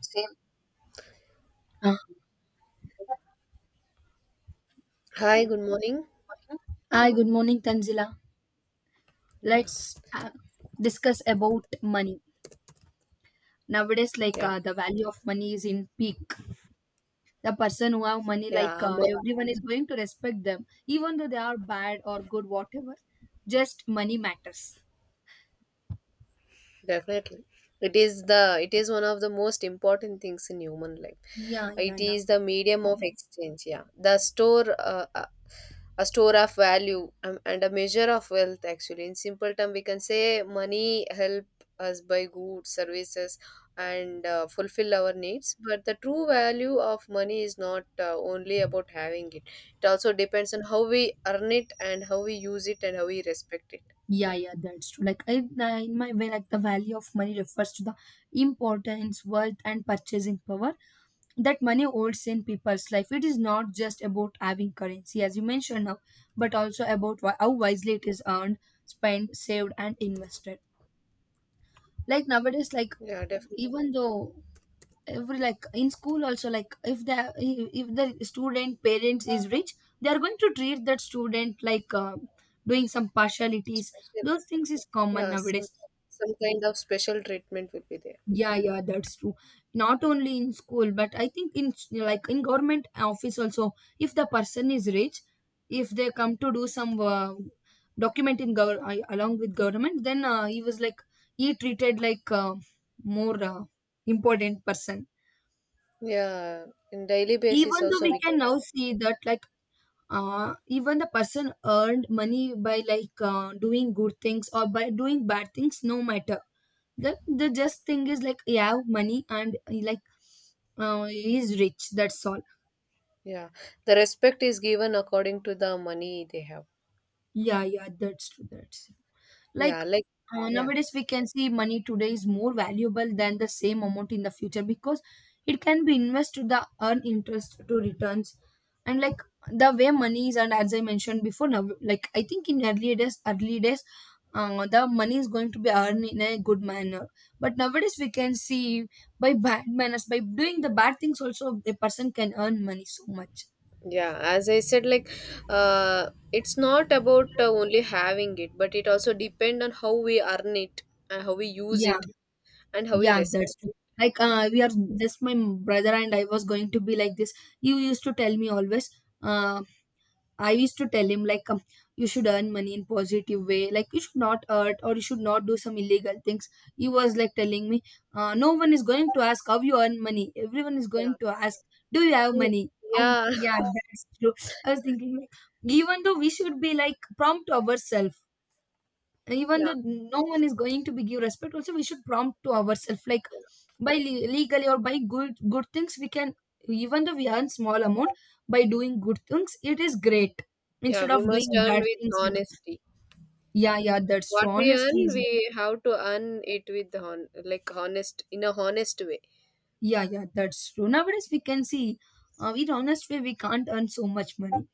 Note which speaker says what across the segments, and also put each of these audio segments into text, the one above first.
Speaker 1: Same. Uh,
Speaker 2: Hi, good morning.
Speaker 1: Hi, good morning, Tanzila.
Speaker 2: Yeah,
Speaker 1: Let's discuss about money. Nowadays,
Speaker 2: yeah,
Speaker 1: the value of money is in peak. The person who have money,
Speaker 2: yeah,
Speaker 1: everyone is going to respect them, even though they are bad or good, whatever. Just money matters.
Speaker 2: definitely. It is one of the most important things in human life.
Speaker 1: Yeah, yeah,
Speaker 2: It
Speaker 1: now.
Speaker 2: is the medium of exchange. Yeah, the store a store of value, and a measure of wealth. Actually, in simple term, we can say money help us buy goods, services and fulfill our needs, but the true value of money is not only about having it. It also depends on how we earn it and how we use it and how we respect it.
Speaker 1: Yeah, yeah, that's true. Like in my way, like the value of money refers to the importance, worth, and purchasing power that money holds in people's life. It is not just about having currency, as you mentioned now, but also about how wisely it is earned, spent, saved, and invested. Like nowadays, like
Speaker 2: Yeah, definitely.
Speaker 1: even though every like in school also like if the student parents is rich, they are going to treat that student like doing some partialities.
Speaker 2: Special.
Speaker 1: Those things is common
Speaker 2: Yeah, some,
Speaker 1: nowadays.
Speaker 2: some kind of special treatment will be there.
Speaker 1: Yeah, yeah, that's true. Not only in school, but I think in like in government office also, if the person is rich, if they come to do some document in along with government, then he was like he treated like more important person.
Speaker 2: Yeah, in daily basis
Speaker 1: Even though
Speaker 2: also
Speaker 1: we
Speaker 2: we can.
Speaker 1: can now see that like even the person earned money by like doing good things or by doing bad things, no matter, the just thing is like he have money and he like he is rich, that's all.
Speaker 2: Yeah, the respect is given according to the money they have.
Speaker 1: Yeah, yeah, that's true. That's true. Like,
Speaker 2: Yeah, like, yeah,
Speaker 1: nowadays, we can see money today is more valuable than the same amount in the future because it can be invested to the earn interest to returns. And like the way money is, and as I mentioned before, now like I think in early days, the money is going to be earned in a good manner. But nowadays, we can see by bad manners, by doing the bad things, also a person can earn money so much.
Speaker 2: yeah, as I said, like, it's not about only having it, but it also depend on how we earn it and how we use
Speaker 1: Yeah.
Speaker 2: it and how we
Speaker 1: Yeah, that's
Speaker 2: respect
Speaker 1: true. Like,
Speaker 2: it.
Speaker 1: we are just my brother and I was going to be like this. You used to tell me always. Uh, I used to tell him like, you should earn money in positive way. Like, you should not hurt or you should not do some illegal things. He was like telling me, no one is going to ask how you earn money. Everyone is going
Speaker 2: Yeah.
Speaker 1: to ask, do you have
Speaker 2: Mm.
Speaker 1: money?
Speaker 2: Yeah.
Speaker 1: Yeah, that's true. I was thinking like, even though we should be like prompt ourselves, even though
Speaker 2: Yeah,
Speaker 1: no one is going to be give respect also, we should prompt to ourselves like by legally or by good good things we can, even though we earn small amount by doing good things, it is great
Speaker 2: yeah,
Speaker 1: instead
Speaker 2: we
Speaker 1: of
Speaker 2: must
Speaker 1: doing
Speaker 2: earn
Speaker 1: bad
Speaker 2: with
Speaker 1: things.
Speaker 2: honesty.
Speaker 1: Yeah, yeah, that's true.
Speaker 2: What we
Speaker 1: Honestly
Speaker 2: earn,
Speaker 1: is
Speaker 2: we have to earn it with like honest, in a honest way.
Speaker 1: yeah, yeah, that's true. Nowadays we can see in honest way we can't earn so much money,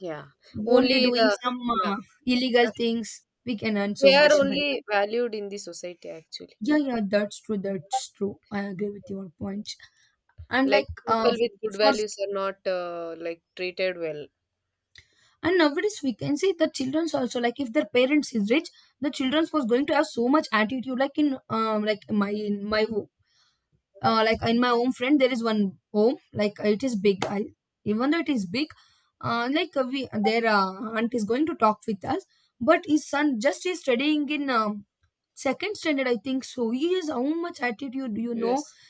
Speaker 2: Yeah,
Speaker 1: only
Speaker 2: only
Speaker 1: doing
Speaker 2: the,
Speaker 1: some
Speaker 2: yeah,
Speaker 1: illegal things we can earn so
Speaker 2: they are
Speaker 1: much money.
Speaker 2: only valued in the society actually.
Speaker 1: Yeah, yeah, that's true. That's true. I agree with your point. And
Speaker 2: Like,
Speaker 1: like
Speaker 2: people with good
Speaker 1: for
Speaker 2: values are not like treated well.
Speaker 1: and nowadays we can see the childrens also, like if their parents is rich, the childrens was going to have so much attitude, like in like my in my ho- like in my own friend there is one home, like it is big. I, even though it is big, we their aunt is going to talk with us, but his son just is studying in second standard, I think. So he is how much attitude, you know.
Speaker 2: Yes.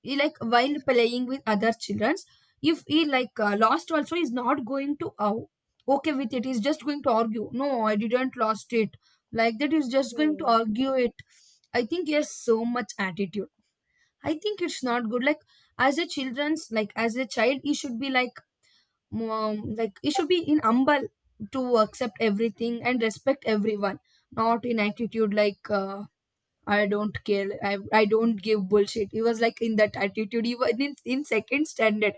Speaker 1: He, like while playing with other children, if he lost also, he's not going to okay with it, he's just going to argue, no, I didn't lost it, like that. He's just going to
Speaker 2: Oh,
Speaker 1: argue it. I think he has so much attitude. I think it's not good, like as a children's, like as a child, he should be like, like he should be in humble to accept everything and respect everyone, not in attitude like, I don't care. I don't give bullshit. He was like in that attitude. He was in second standard.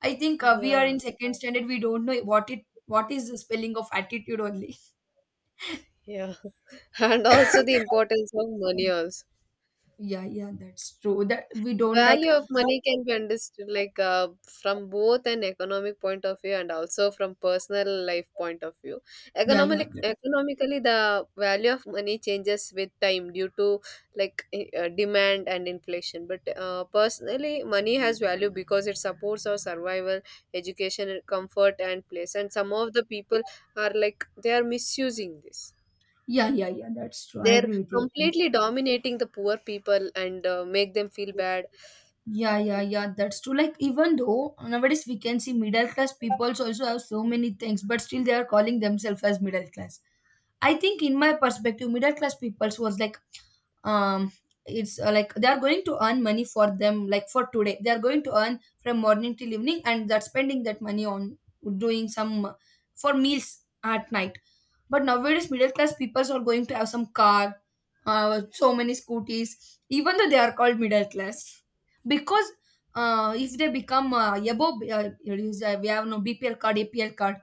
Speaker 1: I think we are in
Speaker 2: yeah,
Speaker 1: second standard. We don't know what is the spelling of attitude only.
Speaker 2: yeah. And also the importance of money also.
Speaker 1: Yeah, yeah, that's true. That we don't like.
Speaker 2: Value of money can be understood, like, from both an economic point of view and also from personal life point of view.
Speaker 1: Yeah, yeah,
Speaker 2: economically
Speaker 1: that-
Speaker 2: economically the value of money changes with time due to, like, demand and inflation, but personally money has value because it supports our survival, education and comfort and place. And some of the people are, like, they are misusing this.
Speaker 1: yeah, yeah, yeah. That's true. I
Speaker 2: They're
Speaker 1: agree with you.
Speaker 2: completely dominating the poor people and make them feel bad.
Speaker 1: Yeah, yeah, yeah, that's true. Like, even though nowadays we can see middle class people also have so many things, but still they are calling themselves as middle class. I think, in my perspective, middle class peoples was like, um, it's like they are going to earn money for them, like for today. They are going to earn from morning till evening, and they're spending that money on doing some for meals at night. But nowadays, middle class peoples are going to have some car, so many scooties, even though they are called middle class. Because if they become we have no BPL card, APL card,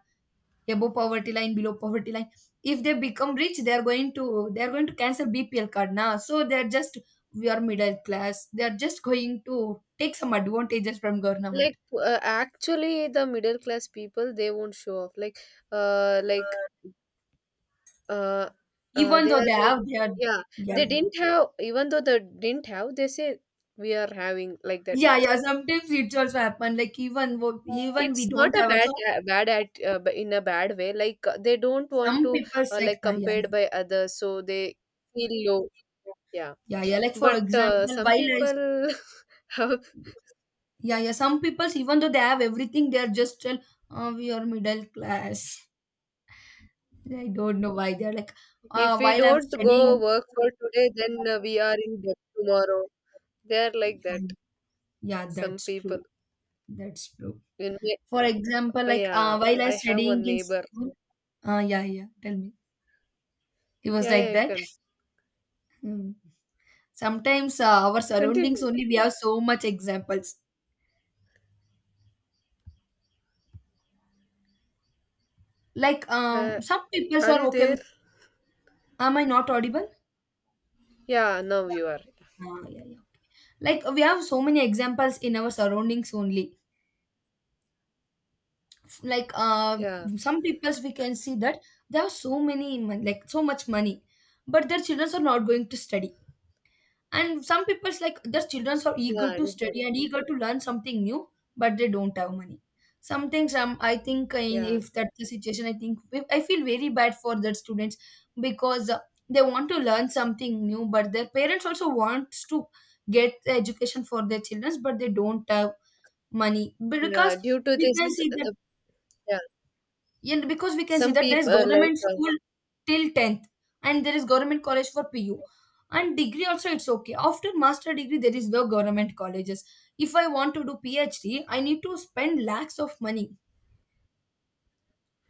Speaker 1: above poverty line, below poverty line. If they become rich, they are going to cancel BPL card now. So they are just we are middle class. They are just going to take some advantages from government,
Speaker 2: Like, actually the middle class people, they won't show off, like, uh like uh,
Speaker 1: even
Speaker 2: they
Speaker 1: though
Speaker 2: are
Speaker 1: they
Speaker 2: like,
Speaker 1: have their
Speaker 2: yeah,
Speaker 1: yeah.
Speaker 2: they didn't have. Even though they didn't have, they say we are having, like that.
Speaker 1: Yeah, yeah. Sometimes it's also happen. Like even even we
Speaker 2: It's not
Speaker 1: don't
Speaker 2: a
Speaker 1: have
Speaker 2: bad,
Speaker 1: also
Speaker 2: in a bad way. Like, they don't want
Speaker 1: some
Speaker 2: to
Speaker 1: people's like
Speaker 2: like
Speaker 1: ah, yeah,
Speaker 2: compared by others, so they feel low. Yeah,
Speaker 1: yeah, yeah. Like for
Speaker 2: but
Speaker 1: example,
Speaker 2: some
Speaker 1: while
Speaker 2: people have,
Speaker 1: yeah, yeah. Some people's even though they have everything, they are just tell we are middle class. I don't know why they're like
Speaker 2: if we
Speaker 1: while I'm
Speaker 2: don't go
Speaker 1: studying.
Speaker 2: work for today, then we are in debt tomorrow. They are like that.
Speaker 1: Yeah, yeah,
Speaker 2: Some
Speaker 1: that's
Speaker 2: people.
Speaker 1: true. That's true.
Speaker 2: In my-
Speaker 1: For example,
Speaker 2: oh,
Speaker 1: like
Speaker 2: yeah,
Speaker 1: while I
Speaker 2: I have
Speaker 1: studying
Speaker 2: one
Speaker 1: in
Speaker 2: neighbor.
Speaker 1: school. Yeah, yeah. Tell me, it was
Speaker 2: Yeah,
Speaker 1: like
Speaker 2: yeah, you
Speaker 1: that.
Speaker 2: can
Speaker 1: Hmm. Sometimes our surroundings
Speaker 2: continue.
Speaker 1: only we have so much examples. Like,
Speaker 2: Uh,
Speaker 1: some people
Speaker 2: are
Speaker 1: are
Speaker 2: you
Speaker 1: okay
Speaker 2: there?
Speaker 1: with, am I not audible?
Speaker 2: Yeah, now you are.
Speaker 1: Yeah, yeah, yeah. Like we have so many examples in our surroundings only. Like
Speaker 2: Yeah,
Speaker 1: some peoples we can see that they have so many like so much money, but their children are not going to study. And some people's like their children are
Speaker 2: yeah,
Speaker 1: eager
Speaker 2: I
Speaker 1: to
Speaker 2: remember.
Speaker 1: study and eager to learn something new, but they don't have money. Sometimes I think
Speaker 2: Yeah,
Speaker 1: if that's the situation, I think I feel very bad for the students because they want to learn something new, but their parents also wants to get the education for their children, but they don't have money because
Speaker 2: yeah. Due to
Speaker 1: we
Speaker 2: this,
Speaker 1: can see that
Speaker 2: the, yeah,
Speaker 1: yeah, and because we can see
Speaker 2: some
Speaker 1: that there is
Speaker 2: people like,
Speaker 1: government school till 10th, and there is government college for pu, and degree also it's okay. After master degree there is no government colleges. If I want to do phd I need to spend lakhs of money.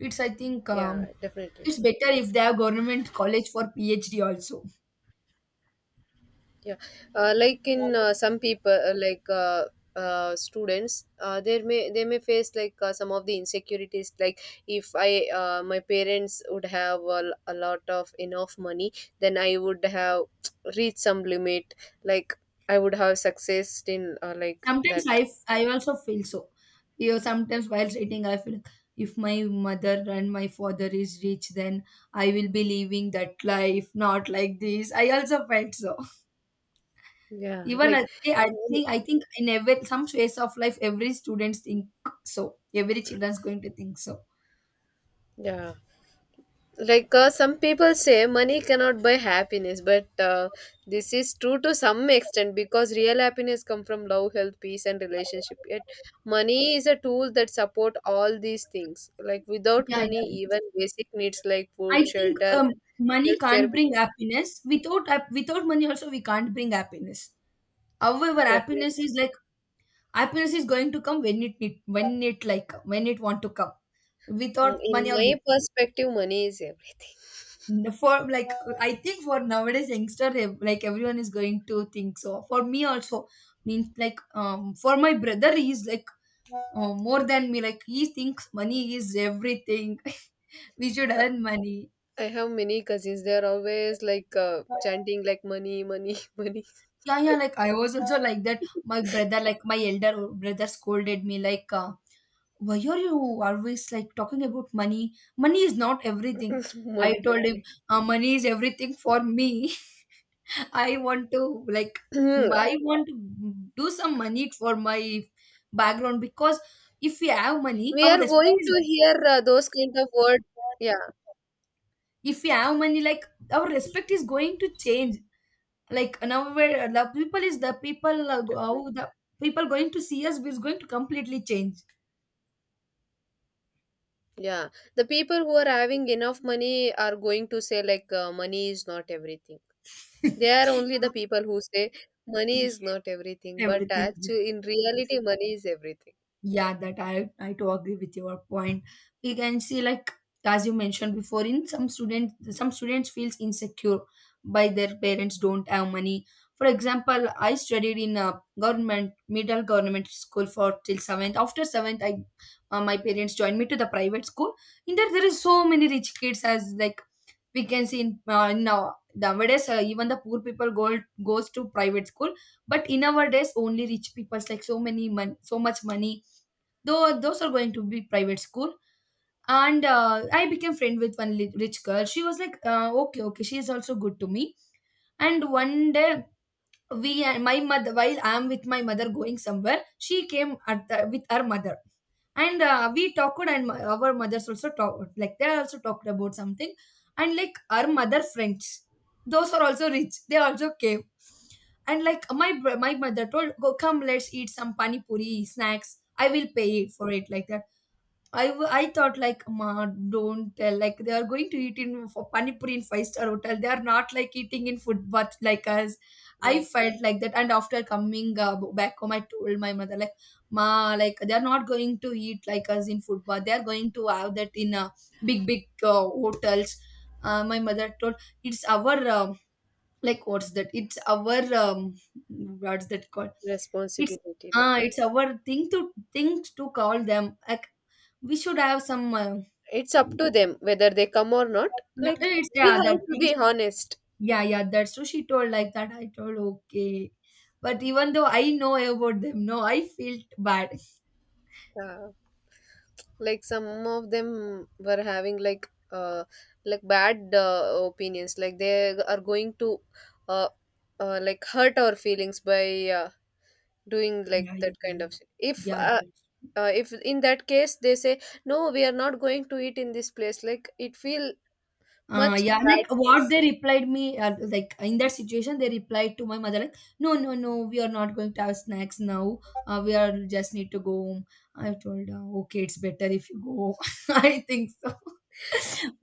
Speaker 1: It's I think
Speaker 2: yeah, definitely.
Speaker 1: it's better if they have government college for phd also.
Speaker 2: Yeah, like in some people, students, they may face, like, some of the insecurities. Like, if I, my parents would have a, a lot of enough money, then I would have reached some limit. Like, I would have success in, like
Speaker 1: Sometimes i
Speaker 2: that.
Speaker 1: i also feel so. You know, sometimes while writing I feel if my mother and my father is rich, then I will be living that life, not like this. I also felt so.
Speaker 2: Yeah,
Speaker 1: Even I
Speaker 2: like,
Speaker 1: think, I think in every some phase of life, every students think so. Every children's going to think so.
Speaker 2: yeah, like, some people say money cannot buy happiness, but this is true to some extent, because real happiness come from love, health, peace and relationship. Yet money is a tool that support all these things. Like, without
Speaker 1: Yeah,
Speaker 2: money,
Speaker 1: yeah.
Speaker 2: even basic needs like
Speaker 1: I
Speaker 2: food,
Speaker 1: think
Speaker 2: shelter and
Speaker 1: money
Speaker 2: healthcare
Speaker 1: can't bring
Speaker 2: become difficult.
Speaker 1: happiness. Without without money, also we can't bring happiness. However,
Speaker 2: Definitely.
Speaker 1: happiness is going to come when it need, when it like when it want to come.
Speaker 2: Mm,
Speaker 1: Without
Speaker 2: in
Speaker 1: money or with
Speaker 2: my
Speaker 1: money.
Speaker 2: perspective money is everything.
Speaker 1: For like I think for nowadays youngster like everyone is going to think so, for me also. Means like for my brother, he's like more than me, like he thinks money is everything. We should earn money.
Speaker 2: I have many cousins, they are always like, chanting like money, money money.
Speaker 1: Yeah, yeah, like I was also like that. My brother, like my elder brother scolded me like, why are you always like talking about money? Money is not everything. I
Speaker 2: Money
Speaker 1: told him, money is everything for me. I want to like
Speaker 2: only.
Speaker 1: I want to do some money for my background because if we have money,
Speaker 2: We
Speaker 1: our
Speaker 2: are
Speaker 1: respect
Speaker 2: going
Speaker 1: is,
Speaker 2: to hear those kind of words. Yeah,
Speaker 1: if we have money, like our respect is going to change. Like now, where the people how
Speaker 2: definitely.
Speaker 1: the people going to see us is going to completely change.
Speaker 2: Yeah, the people who are having enough money are going to say, like, money is not everything. They are only the people who say money is not everything, but
Speaker 1: Everything.
Speaker 2: actually, in reality, money is everything.
Speaker 1: Yeah, that I do agree with your point. We can see like, as you mentioned before, in some students, feels insecure by their parents don't have money. For example, I studied in a government middle government school for till seventh. After seventh, I my parents joined me to the private school. In there, there is so many rich kids as like we can see in nowadays even the poor people go goes to private school. But in our days only rich people's like so many so much money, though those are going to be private school. And I became friend with one rich girl. She was like okay, okay, she is also good to me. And one day we and my mother, while I am with my mother going somewhere, she came with her mother. And we talked, and our mothers also talked, like they also talked about something. And like our mother friends, those are also rich, they also came. And like my mother told, go, come, let's eat some pani puri snacks. I will pay it for it, like that. I thought like, ma, don't tell, like they are going to eat in for panipuri in five-star hotel. They are not like eating in food but like us. I
Speaker 2: Yeah,
Speaker 1: felt like that. And after coming back home I told my mother like, ma, like they are not going to eat like us in food, but they are going to have that in big big hotels. My mother told, it's our like what's that, it's our what's that called, it's
Speaker 2: responsibility. Like,
Speaker 1: it's our things to call them, like we should have some
Speaker 2: it's up to them whether they come or not. Like,
Speaker 1: it's,
Speaker 2: we
Speaker 1: yeah that.
Speaker 2: have to be honest.
Speaker 1: Yeah, yeah, that's true. She told like that, I told okay. But even though I know about them, no, I felt bad.
Speaker 2: Yeah. Like, some of them were having, like, like bad opinions. Like, they are going to uh, like hurt our feelings by doing like
Speaker 1: Yeah, yeah,
Speaker 2: that kind
Speaker 1: yeah,
Speaker 2: of shit. If
Speaker 1: yeah that's-
Speaker 2: if in that case they say no, we are not going to eat in this place, like, it feel much
Speaker 1: yeah,
Speaker 2: bad
Speaker 1: like
Speaker 2: for
Speaker 1: what
Speaker 2: us.
Speaker 1: they replied me, like in that situation, they replied to my mother, like, no, no, no, we are not going to have snacks now. We are just need to go home. I told her, okay, it's better if you go. I think so.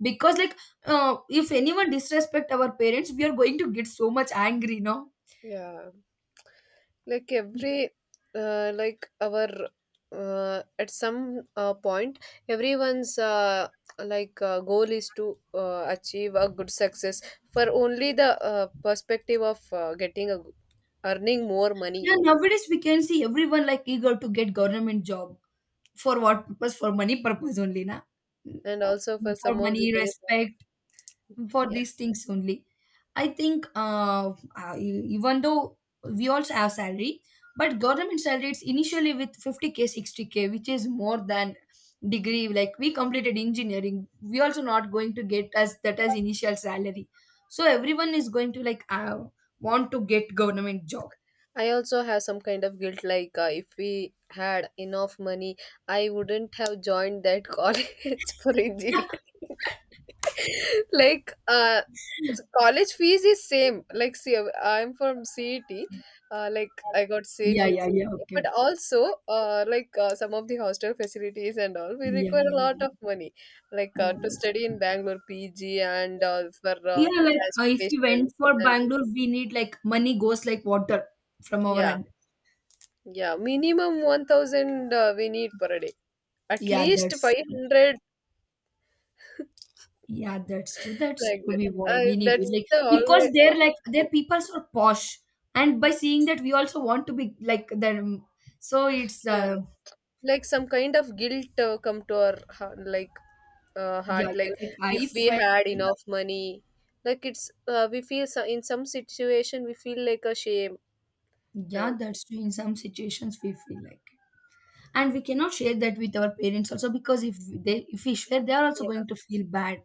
Speaker 1: Because like if anyone disrespect our parents, we are going to get so much angry, no.
Speaker 2: Yeah, like
Speaker 1: Y-
Speaker 2: every, like our at some point, everyone's, like, goal is to achieve a good success, for only the perspective of getting a, earning more money.
Speaker 1: yeah, nowadays we can see everyone like eager to get government job. For what purpose? For money purpose only, na.
Speaker 2: And also for
Speaker 1: For
Speaker 2: some of the
Speaker 1: money,
Speaker 2: very,
Speaker 1: respect, for
Speaker 2: yeah.
Speaker 1: these things only. I think even though we also have salary, but government salary it's initially with 50K, 60K, which is more than degree. Like, we completed engineering, we also not going to get as that as initial salary. So everyone is going to like want to get government job.
Speaker 2: I also have some kind of guilt, like, if we had enough money, I wouldn't have joined that college for engineering. Like, college fees is same. Like, see, I'm from CET. Like, I got CET,
Speaker 1: Yeah, yeah, yeah. Okay,
Speaker 2: but
Speaker 1: okay.
Speaker 2: also, like, some of the hostel facilities and all, we
Speaker 1: Yeah,
Speaker 2: require a
Speaker 1: yeah,
Speaker 2: lot
Speaker 1: yeah.
Speaker 2: of money. Like,
Speaker 1: Yeah,
Speaker 2: to
Speaker 1: That's
Speaker 2: study in Bangalore, PG and for
Speaker 1: yeah, like if we
Speaker 2: transportation
Speaker 1: went for
Speaker 2: and all.
Speaker 1: Bangalore, we need like money goes like water from our
Speaker 2: Yeah,
Speaker 1: hand.
Speaker 2: yeah, minimum 1,000 we need per day, at
Speaker 1: Yeah,
Speaker 2: least
Speaker 1: that's true.
Speaker 2: 500,
Speaker 1: Yeah, that's true. That's
Speaker 2: like
Speaker 1: true.
Speaker 2: that.
Speaker 1: We need it,
Speaker 2: That's
Speaker 1: like
Speaker 2: the
Speaker 1: because
Speaker 2: always,
Speaker 1: they're like their peoples are posh, and by seeing that, we also want to be like them. So it's
Speaker 2: yeah. Like, some kind of guilt come to our heart. Like, uh, heart
Speaker 1: yeah,
Speaker 2: like
Speaker 1: yeah. Like
Speaker 2: if
Speaker 1: I
Speaker 2: we
Speaker 1: felt
Speaker 2: had enough money, like, it's, we feel so. In some situation we feel like a shame.
Speaker 1: yeah,
Speaker 2: uh,
Speaker 1: that's true. In some situations, we feel like, it. And we cannot share that with our parents also, because if they if we share, they are also
Speaker 2: yeah,
Speaker 1: going to feel bad.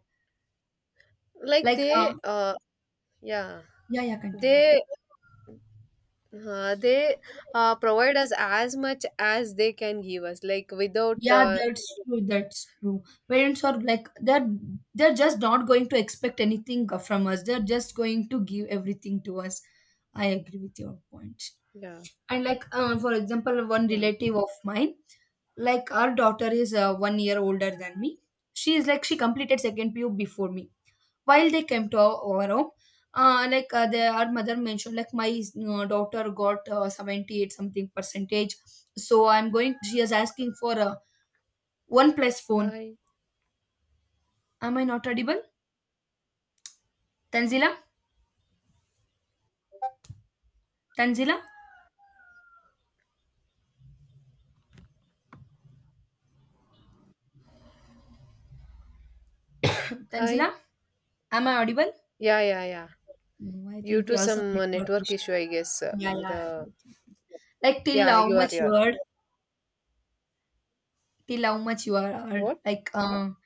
Speaker 2: like
Speaker 1: Like
Speaker 2: they, yeah,
Speaker 1: yeah, yeah. Continue.
Speaker 2: they they provide us as much as they can give us, like, without
Speaker 1: Yeah, that's true. That's true. Parents are like they're just not going to expect anything from us. They're just going to give everything to us. I agree with your point.
Speaker 2: yeah.
Speaker 1: And like for example, one
Speaker 2: Yeah.
Speaker 1: relative of mine, like our daughter is 1 year older than me. She is like she completed second PU before me. While they came to our home, like our mother mentioned, like my daughter got 78 something percentage. So I'm going. She is asking for a one plus phone.
Speaker 2: Hi.
Speaker 1: Am I not audible? Tanzila? Tanzila?
Speaker 2: Hi.
Speaker 1: Tanzila? Am I audible?
Speaker 2: Yeah, yeah, yeah.
Speaker 1: No, I
Speaker 2: Due
Speaker 1: think we
Speaker 2: to
Speaker 1: have some
Speaker 2: some
Speaker 1: network
Speaker 2: network
Speaker 1: issues.
Speaker 2: issue, I guess
Speaker 1: Yeah, yeah. I
Speaker 2: the
Speaker 1: do think it's- Like
Speaker 2: yeah you are your
Speaker 1: till how much you are heard,
Speaker 2: what.
Speaker 1: like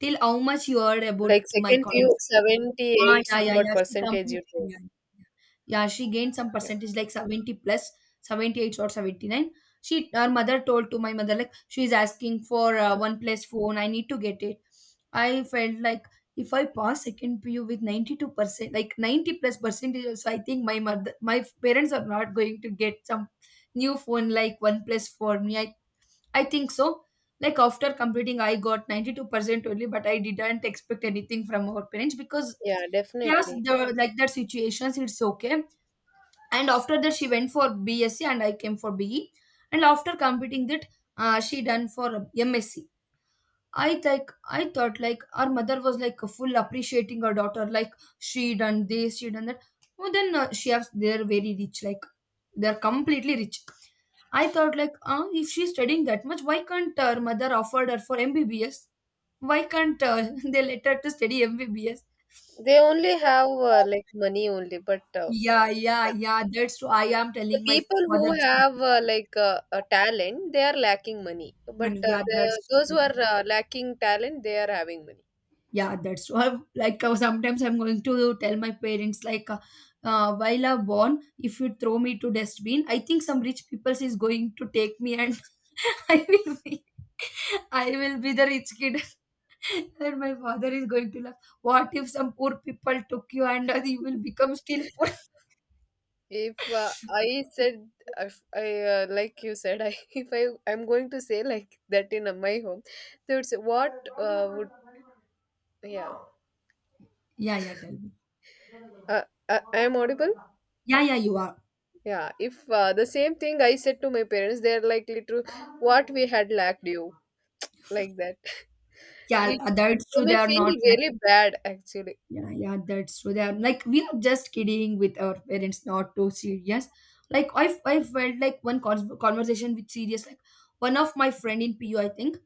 Speaker 1: till how much you heard about
Speaker 2: Like,
Speaker 1: my
Speaker 2: second few
Speaker 1: conversation. Ah,
Speaker 2: 78
Speaker 1: yeah, yeah,
Speaker 2: somewhat
Speaker 1: yeah. She
Speaker 2: percentage you
Speaker 1: completed.
Speaker 2: told.
Speaker 1: Yeah, yeah, yeah. She gained some
Speaker 2: Yeah.
Speaker 1: percentage, like 70 plus, 78 or 79. Her mother told to my mother like she is asking for one plus phone. I need to get it. I felt like, if I pass second PU with 92%, like 90 plus percentage, also I think my parents are not going to get some new phone like one plus for me. I think so. Like after completing, I got 92% only, but I didn't expect anything from our parents because
Speaker 2: Yeah,
Speaker 1: we asked
Speaker 2: definitely.
Speaker 1: like that situations, it's okay. And after that, she went for BSc and I came for BE. And after completing that, she done for MSc. I like I thought like our mother was like full appreciating her daughter, like she done this, she done that. Oh then she has they're very rich, like they're completely rich. I thought like, if she's studying that much, why can't her mother offered her for MBBS? Why can't they let her to study MBBS?
Speaker 2: They only have, like, money only, but
Speaker 1: Yeah, yeah,
Speaker 2: yeah.
Speaker 1: yeah. That's true. I am
Speaker 2: The
Speaker 1: telling my
Speaker 2: people who
Speaker 1: mother.
Speaker 2: have, like, a talent, they are lacking money. But
Speaker 1: Yeah,
Speaker 2: the,
Speaker 1: that's
Speaker 2: those who
Speaker 1: true.
Speaker 2: are lacking talent, they are having money.
Speaker 1: Yeah, that's true. I've, like sometimes I'm going to tell my parents like while I'm born, if you throw me to dustbin, I think some rich people is going to take me and I will be I will be the rich kid. And my father is going to laugh. What if some poor people took you and you will become still poor?
Speaker 2: If I said, if I like you said, I if I'm going to say like that in my home, they would say, "What would, yeah?
Speaker 1: Yeah, yeah, tell me.
Speaker 2: I am audible."
Speaker 1: Yeah, yeah, you are.
Speaker 2: Yeah, if the same thing I said to my parents, they're like, little, what we had lacked you, like that.
Speaker 1: Yeah,
Speaker 2: It,
Speaker 1: that's
Speaker 2: they
Speaker 1: true. They
Speaker 2: may
Speaker 1: are
Speaker 2: feel
Speaker 1: not. Like
Speaker 2: very bad, actually.
Speaker 1: yeah, yeah, that's true. They are like we are just kidding with our parents, not too serious. Like I felt like one conversation with serious, like one of my friend in PU, I think.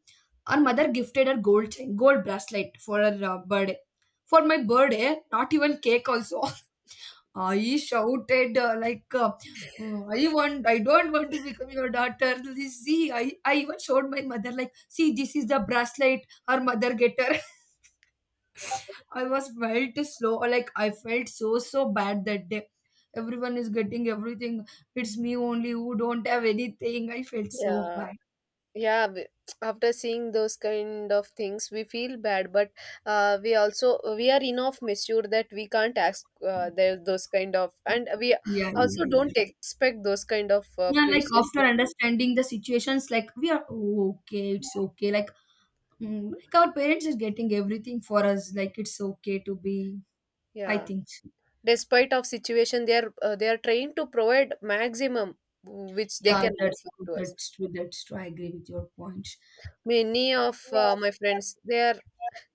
Speaker 1: Our mother gifted her gold chain, gold bracelet for her birthday. For my birthday not even cake also. I shouted like "Mm, I don't want to become your daughter. See, I even showed my mother like, see, this is the bracelet her mother get her." I was felt slow or like I felt so so bad that day. Everyone is getting everything. It's me only who don't have anything. I felt so
Speaker 2: Yeah,
Speaker 1: bad.
Speaker 2: yeah. After seeing those kind of things, we feel bad, but we also we are enough mature that we can't ask the, those kind of, and we
Speaker 1: Yeah,
Speaker 2: also
Speaker 1: yeah, yeah.
Speaker 2: don't expect those kind of
Speaker 1: Yeah, like
Speaker 2: precious
Speaker 1: after
Speaker 2: gifts from.
Speaker 1: understanding the situations, like we are, "Oh, okay, it's okay. Like, like our parents is getting everything for us. Like it's okay to be. I
Speaker 2: Yeah.
Speaker 1: think so."
Speaker 2: Despite of situation they are, they are trying to provide maximum which they
Speaker 1: Yeah,
Speaker 2: can
Speaker 1: that's
Speaker 2: offer
Speaker 1: true.
Speaker 2: to us.
Speaker 1: That's true. That's true. I agree with your points.
Speaker 2: Many of
Speaker 1: Yeah.
Speaker 2: my friends, they are,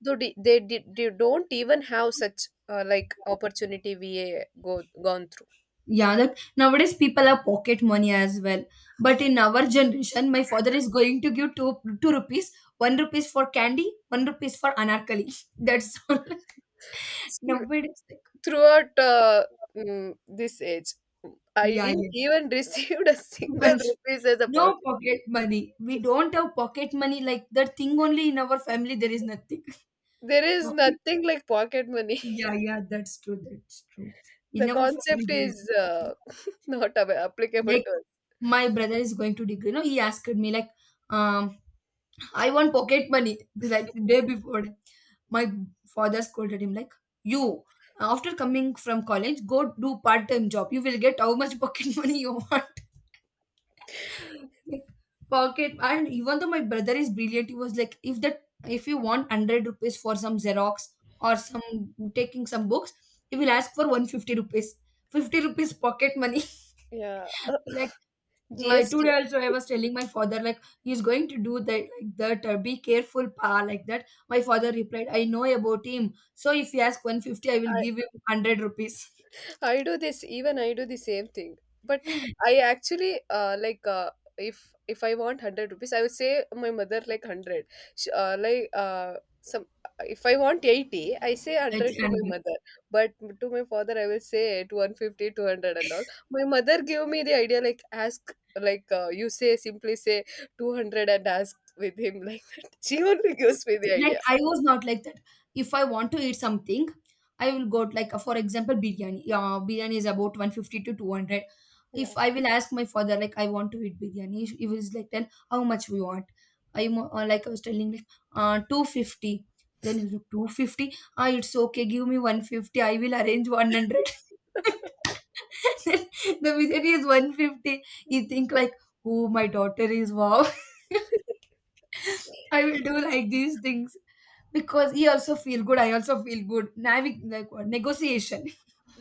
Speaker 2: though they don't even have such like opportunity we go gone through.
Speaker 1: Yeah, like nowadays people have pocket money as well. But in our generation, my father is going to give two two rupees, one rupees for candy, one rupees for anarkali. That's all.
Speaker 2: Still,
Speaker 1: Nowadays, like,
Speaker 2: throughout this age, I
Speaker 1: yeah,
Speaker 2: didn't
Speaker 1: yeah.
Speaker 2: even received a single
Speaker 1: One-
Speaker 2: rupees as a
Speaker 1: no
Speaker 2: pocket
Speaker 1: pocket
Speaker 2: money.
Speaker 1: money. We don't have pocket money, like that thing only in our family. There is nothing.
Speaker 2: There is
Speaker 1: Pocket-
Speaker 2: nothing like pocket money.
Speaker 1: yeah, yeah, that's true. That's true. In
Speaker 2: The
Speaker 1: our family,
Speaker 2: concept
Speaker 1: there is
Speaker 2: is
Speaker 1: nothing.
Speaker 2: uh, not applicable
Speaker 1: Like
Speaker 2: to us.
Speaker 1: my brother is going to degree. No, he asked me like, um, I want pocket money. Like the day before, my father scolded him like, "You, after coming from college, go do part-time job. You will get how much pocket money you want." Like pocket, and even though my brother is brilliant, he was like, "If if you want 100 rupees for some Xerox or some taking some books, he will ask for 150 rupees. 50 rupees pocket money."
Speaker 2: Yeah.
Speaker 1: Like I
Speaker 2: GST.
Speaker 1: today also I was telling my father like he's going to do that like that be careful, pa, like that. My father replied, I know about him. So if he asks 150, I will give him 100 rupees.
Speaker 2: I do this, even I do the same thing. But I actually, if I want 100 rupees, I would say my mother like 100. Sh like some If I want 80, I say
Speaker 1: That-
Speaker 2: 100 to my
Speaker 1: and-
Speaker 2: mother. But to my father, I will say to 150, 200 and all. My mother gave me the idea, like ask, like, you say, simply say 200 and ask with him like that. She only gives me the
Speaker 1: Like
Speaker 2: idea.
Speaker 1: I was not like that. If I want to eat something, I will go to, like for example biryani. Yeah, biryani is about 150 to 200. If
Speaker 2: Yeah.
Speaker 1: I will ask my father like I want to eat biryani, he was like, then how much we want. Like I was telling like 250. Then he's like 250. Ah, it's okay. Give me 150. I will arrange 100. Then the biryani is 150. You think like, oh, my daughter is wow. I will do like these things because he also feel good. I also feel good. Navig like what negotiation.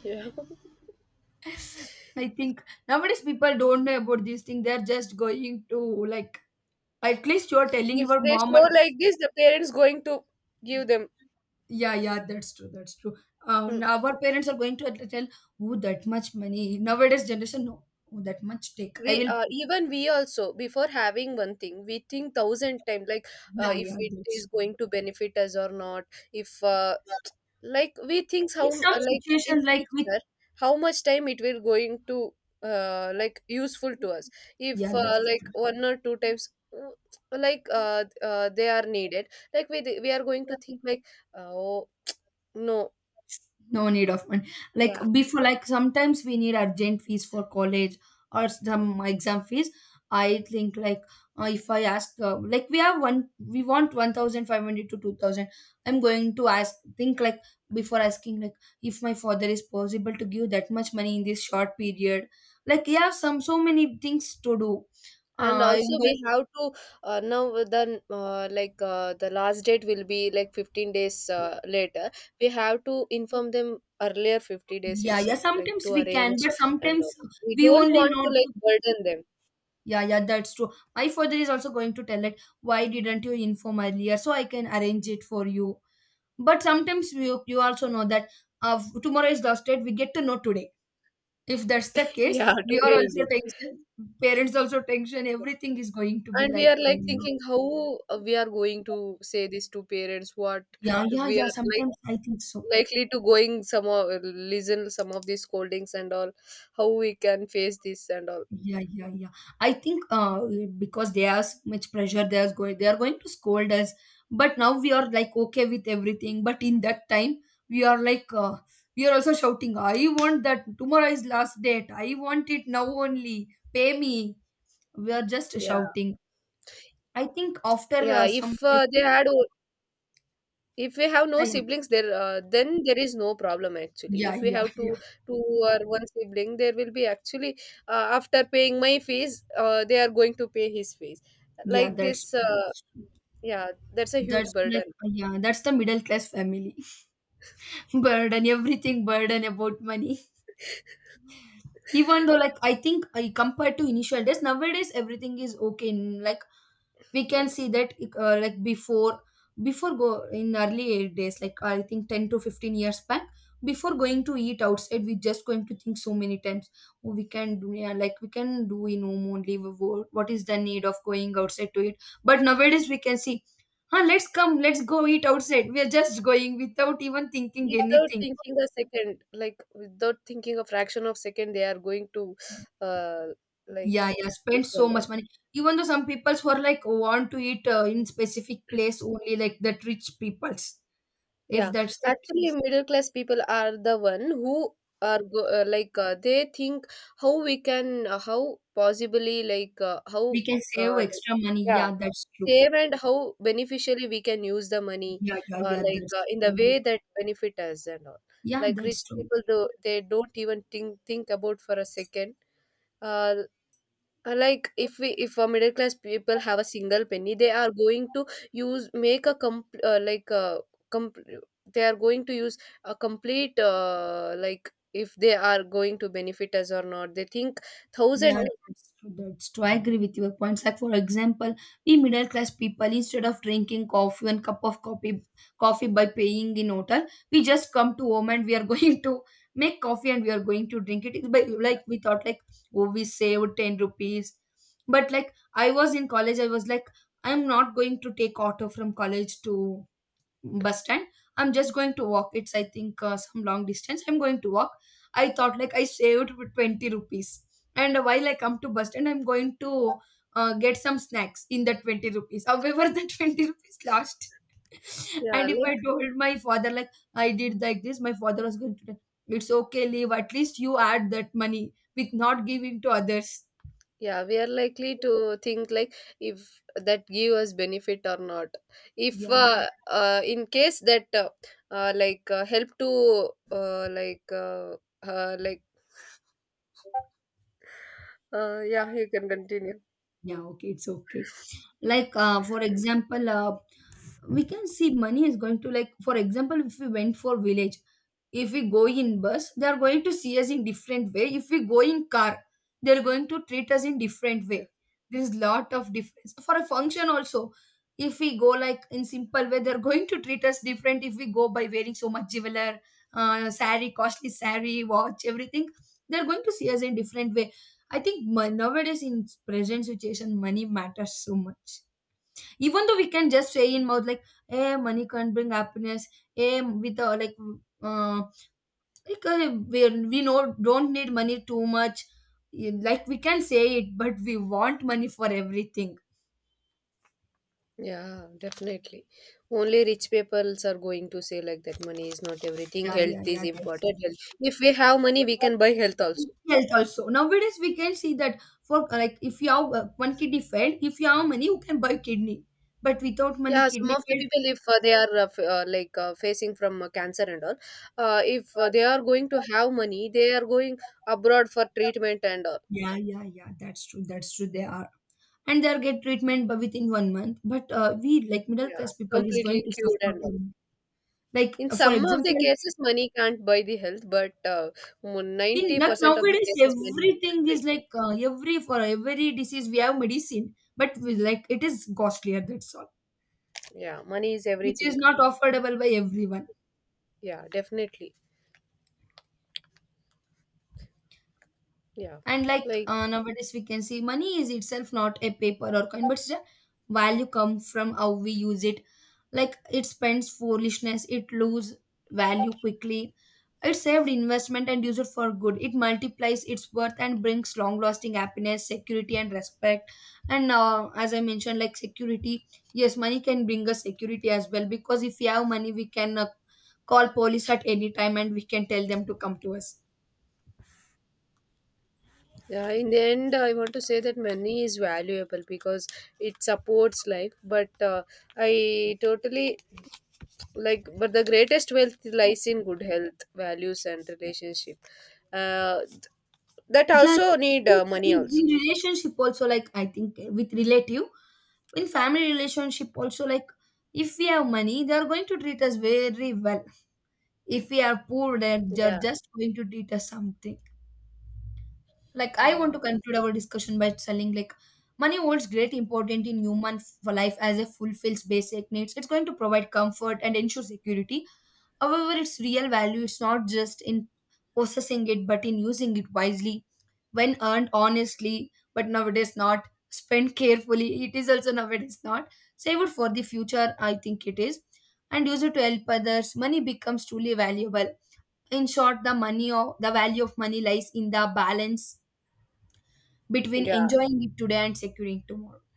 Speaker 2: Yeah.
Speaker 1: I think nowadays people don't know about these things. They're just going to like, at least you're telling
Speaker 2: If
Speaker 1: your
Speaker 2: they
Speaker 1: mom.
Speaker 2: show
Speaker 1: Or-
Speaker 2: like this, the parents going to give them.
Speaker 1: yeah, yeah, that's true. That's true.
Speaker 2: Mm.
Speaker 1: Now our parents are going to tell, oh, that much money. Nowadays generation, no, oh, that much take. I
Speaker 2: We,
Speaker 1: will.
Speaker 2: even we also, before having one thing, we think thousand times, like,
Speaker 1: Yeah,
Speaker 2: if
Speaker 1: yeah,
Speaker 2: it
Speaker 1: that's
Speaker 2: is
Speaker 1: true.
Speaker 2: going to benefit us or not. If like we think
Speaker 1: In
Speaker 2: how
Speaker 1: some
Speaker 2: like in
Speaker 1: situation, like with
Speaker 2: future how much time it will going to like useful to us. If
Speaker 1: yeah, that's
Speaker 2: like
Speaker 1: true.
Speaker 2: one or two times uh, they are needed, like, we are going to think like oh, no.
Speaker 1: No need of money. Like
Speaker 2: Yeah.
Speaker 1: before, like sometimes we need urgent fees for college or some exam fees. I think like if I ask, like we want 1,500 to 2,000. I'm going to ask, think like before asking, like if my father is possible to give that much money in this short period. Like we have some so many things to do.
Speaker 2: And
Speaker 1: Uh,
Speaker 2: also
Speaker 1: I'm going.
Speaker 2: we have to now the like the last date will be like 15 days later. We have to inform them earlier 50 days
Speaker 1: Yeah, yeah.
Speaker 2: itself, like
Speaker 1: Sometimes
Speaker 2: to
Speaker 1: we can,
Speaker 2: arrange
Speaker 1: but
Speaker 2: and all.
Speaker 1: sometimes
Speaker 2: We
Speaker 1: we
Speaker 2: don't
Speaker 1: only
Speaker 2: want to
Speaker 1: know.
Speaker 2: like burden them.
Speaker 1: Yeah, yeah, that's true. My father is also going to tell like, why didn't you inform earlier so I can arrange it for you. But sometimes you also know that tomorrow is last date. We get to know today. If that's the case,
Speaker 2: Yeah,
Speaker 1: we are
Speaker 2: today
Speaker 1: also
Speaker 2: evening.
Speaker 1: tension. Parents also tension. Everything is going to be
Speaker 2: And we
Speaker 1: like,
Speaker 2: are like thinking how we are going to say this to parents, what
Speaker 1: yeah, yeah,
Speaker 2: we
Speaker 1: yeah.
Speaker 2: are like,
Speaker 1: Sometimes I think so.
Speaker 2: likely to going, some of listen some of these scoldings and all, how we can face this and all.
Speaker 1: Yeah, yeah, yeah. I think because there's much pressure, there's going, they are going to scold us. But now we are like okay with everything. But in that time, we are like we are also shouting. I want that tomorrow is last date. I want it now only. Pay me. We are just
Speaker 2: Yeah.
Speaker 1: shouting. I think after
Speaker 2: Yeah,
Speaker 1: some
Speaker 2: if if we have no
Speaker 1: time,
Speaker 2: siblings, there then there is no problem actually.
Speaker 1: yeah,
Speaker 2: If we
Speaker 1: yeah,
Speaker 2: have
Speaker 1: yeah, yeah.
Speaker 2: two or one sibling, there will be actually after paying my fees, they are going to pay his fees.
Speaker 1: Yeah,
Speaker 2: Like
Speaker 1: That's
Speaker 2: this,
Speaker 1: that's,
Speaker 2: yeah, that's a huge
Speaker 1: that's like
Speaker 2: burden.
Speaker 1: yeah. That's the middle class family burden. Everything burden about money. Even though like I think compared to initial days, nowadays everything is okay, like we can see that like before go in early days, like I think 10 to 15 years back, before going to eat outside we just going to think so many times. Oh, we can do, yeah, like we can do in home only, what is the need of going outside to eat? But nowadays we can see, huh, let's come, let's go eat outside, we are just going without even thinking
Speaker 2: Without
Speaker 1: anything.
Speaker 2: thinking a second, like without thinking a fraction of second, they are going to uh like
Speaker 1: Yeah, yeah, spend so much
Speaker 2: equal.
Speaker 1: money. Even though some peoples who are like want to eat in specific place only, like that rich peoples. If
Speaker 2: Yeah,
Speaker 1: that's the
Speaker 2: actually,
Speaker 1: case,
Speaker 2: middle class people are the one who are go, they think how we can how possibly like,
Speaker 1: we can
Speaker 2: uh,
Speaker 1: save
Speaker 2: like,
Speaker 1: extra money.
Speaker 2: yeah,
Speaker 1: Yeah, that's true.
Speaker 2: save, and how beneficially we can use the money,
Speaker 1: Yeah, yeah, yeah,
Speaker 2: like,
Speaker 1: that's
Speaker 2: in the
Speaker 1: true.
Speaker 2: way that benefit us and all.
Speaker 1: Yeah,
Speaker 2: Like,
Speaker 1: that's
Speaker 2: rich
Speaker 1: true.
Speaker 2: people, though they don't even think about for a second. Uh, like, if we, if a middle class people have a single penny, they are going to use make a comp like a comp they are going to use a complete, like, if they are going to benefit us or not, they think thousand
Speaker 1: Yeah,
Speaker 2: times.
Speaker 1: that's true. That's true. I agree with your points. Like for example, we middle class people, instead of drinking coffee and cup of coffee, coffee by paying in hotel, we just come to home and we are going to make coffee and we are going to drink it. It's by like we thought like, oh, we saved 10 rupees. But like I was in college, I was like I'm not going to take auto from college to bus stand, I'm just going to walk, it's I think some long distance I'm going to walk. I thought like I saved 20 rupees, and while I come to bus stand I'm going to get some snacks in the 20 rupees, however the 20 rupees lost
Speaker 2: Yeah
Speaker 1: and if I
Speaker 2: like.
Speaker 1: told my father like I did like this, my father was going to tell, it's okay, leave, at least you add that money with not giving to others.
Speaker 2: Yeah, we are likely to think, like, if that give us benefit or not. If
Speaker 1: Yeah, yeah,
Speaker 2: in case that, help to, uh, like yeah, you can continue.
Speaker 1: yeah, okay, it's okay. Like for example, we can see money is going to, like for example, if we went for village, if we go in bus they are going to see us in different way. If we go in car they are going to treat us in different way. There is lot of difference. For a function also, if we go like in simple way they are going to treat us different. If we go by wearing so much jeweler, saree, costly saree, watch, everything, they are going to see us in different way. I think, nowadays in present situation money matters so much. Even though we can just say in mouth like, "Hey, money can't bring happiness. Hey, with uh, like we know don't need money too much. Yeah," like we can say it but we want money for everything.
Speaker 2: Yeah, definitely. Only rich peoples are going to say like that money is not everything,
Speaker 1: Yeah, yeah,
Speaker 2: health is
Speaker 1: yeah, that's
Speaker 2: important. Health. If we have money, we can buy health also.
Speaker 1: health also. Nowadays we can see that for, like if you have one kidney failed, if you have money you can buy kidney, but without money
Speaker 2: Yeah, some
Speaker 1: kidney
Speaker 2: of the
Speaker 1: failed.
Speaker 2: people, if they are like, facing from cancer and all, if
Speaker 1: uh,
Speaker 2: they are going to have money, they are going abroad for treatment and all.
Speaker 1: yeah, yeah, yeah, that's true, that's true. They are and they'll get treatment within 1 month, but we like middle
Speaker 2: Yeah,
Speaker 1: class people is going
Speaker 2: completely
Speaker 1: to
Speaker 2: cured
Speaker 1: suffer
Speaker 2: and all.
Speaker 1: too. Like
Speaker 2: In
Speaker 1: for
Speaker 2: some of the
Speaker 1: example,
Speaker 2: cases, money can't buy the health, but
Speaker 1: in like
Speaker 2: 90% of the
Speaker 1: nowadays
Speaker 2: cases, money can
Speaker 1: everything
Speaker 2: buy.
Speaker 1: is like, every, for every disease we have medicine but we, like it is costlier, that's all,
Speaker 2: Yeah, money is
Speaker 1: which
Speaker 2: everything.
Speaker 1: is not affordable by everyone.
Speaker 2: Yeah, definitely. Yeah,
Speaker 1: And like
Speaker 2: like,
Speaker 1: nowadays, we can see money is itself not a paper or coin, but it's a value come from how we use it. Like it spends foolishness, it lose value quickly. It saved investment and use it for good. It multiplies its worth and brings long-lasting happiness, security, and respect. And as I mentioned, like security, yes, money can bring us security as well because if we have money, we can call police at any time and we can tell them to come to us.
Speaker 2: in the end, I want to say that money is valuable because it supports life. But I totally like, but the greatest wealth lies in good health, values, and relationship. Uh, th- that
Speaker 1: Yeah, I
Speaker 2: also need
Speaker 1: think
Speaker 2: money also.
Speaker 1: in relationship also, like I think with relative, in family relationship also, like if we have money, they are going to treat us very well. If we are poor, they're
Speaker 2: Yeah.
Speaker 1: just going to treat us something. Like I want
Speaker 2: Yeah.
Speaker 1: to conclude our discussion by telling like money holds great importance in human life as it fulfills basic needs. It's going to provide comfort and ensure security. However, its real value is not just in possessing it, but in using it wisely when earned honestly, but nowadays not spent carefully. It is also nowadays not save it for the future. I think it is, and use it to help others. Money becomes truly valuable. In short, the money or the value of money lies in the balance between
Speaker 2: Yeah.
Speaker 1: enjoying it today and securing tomorrow.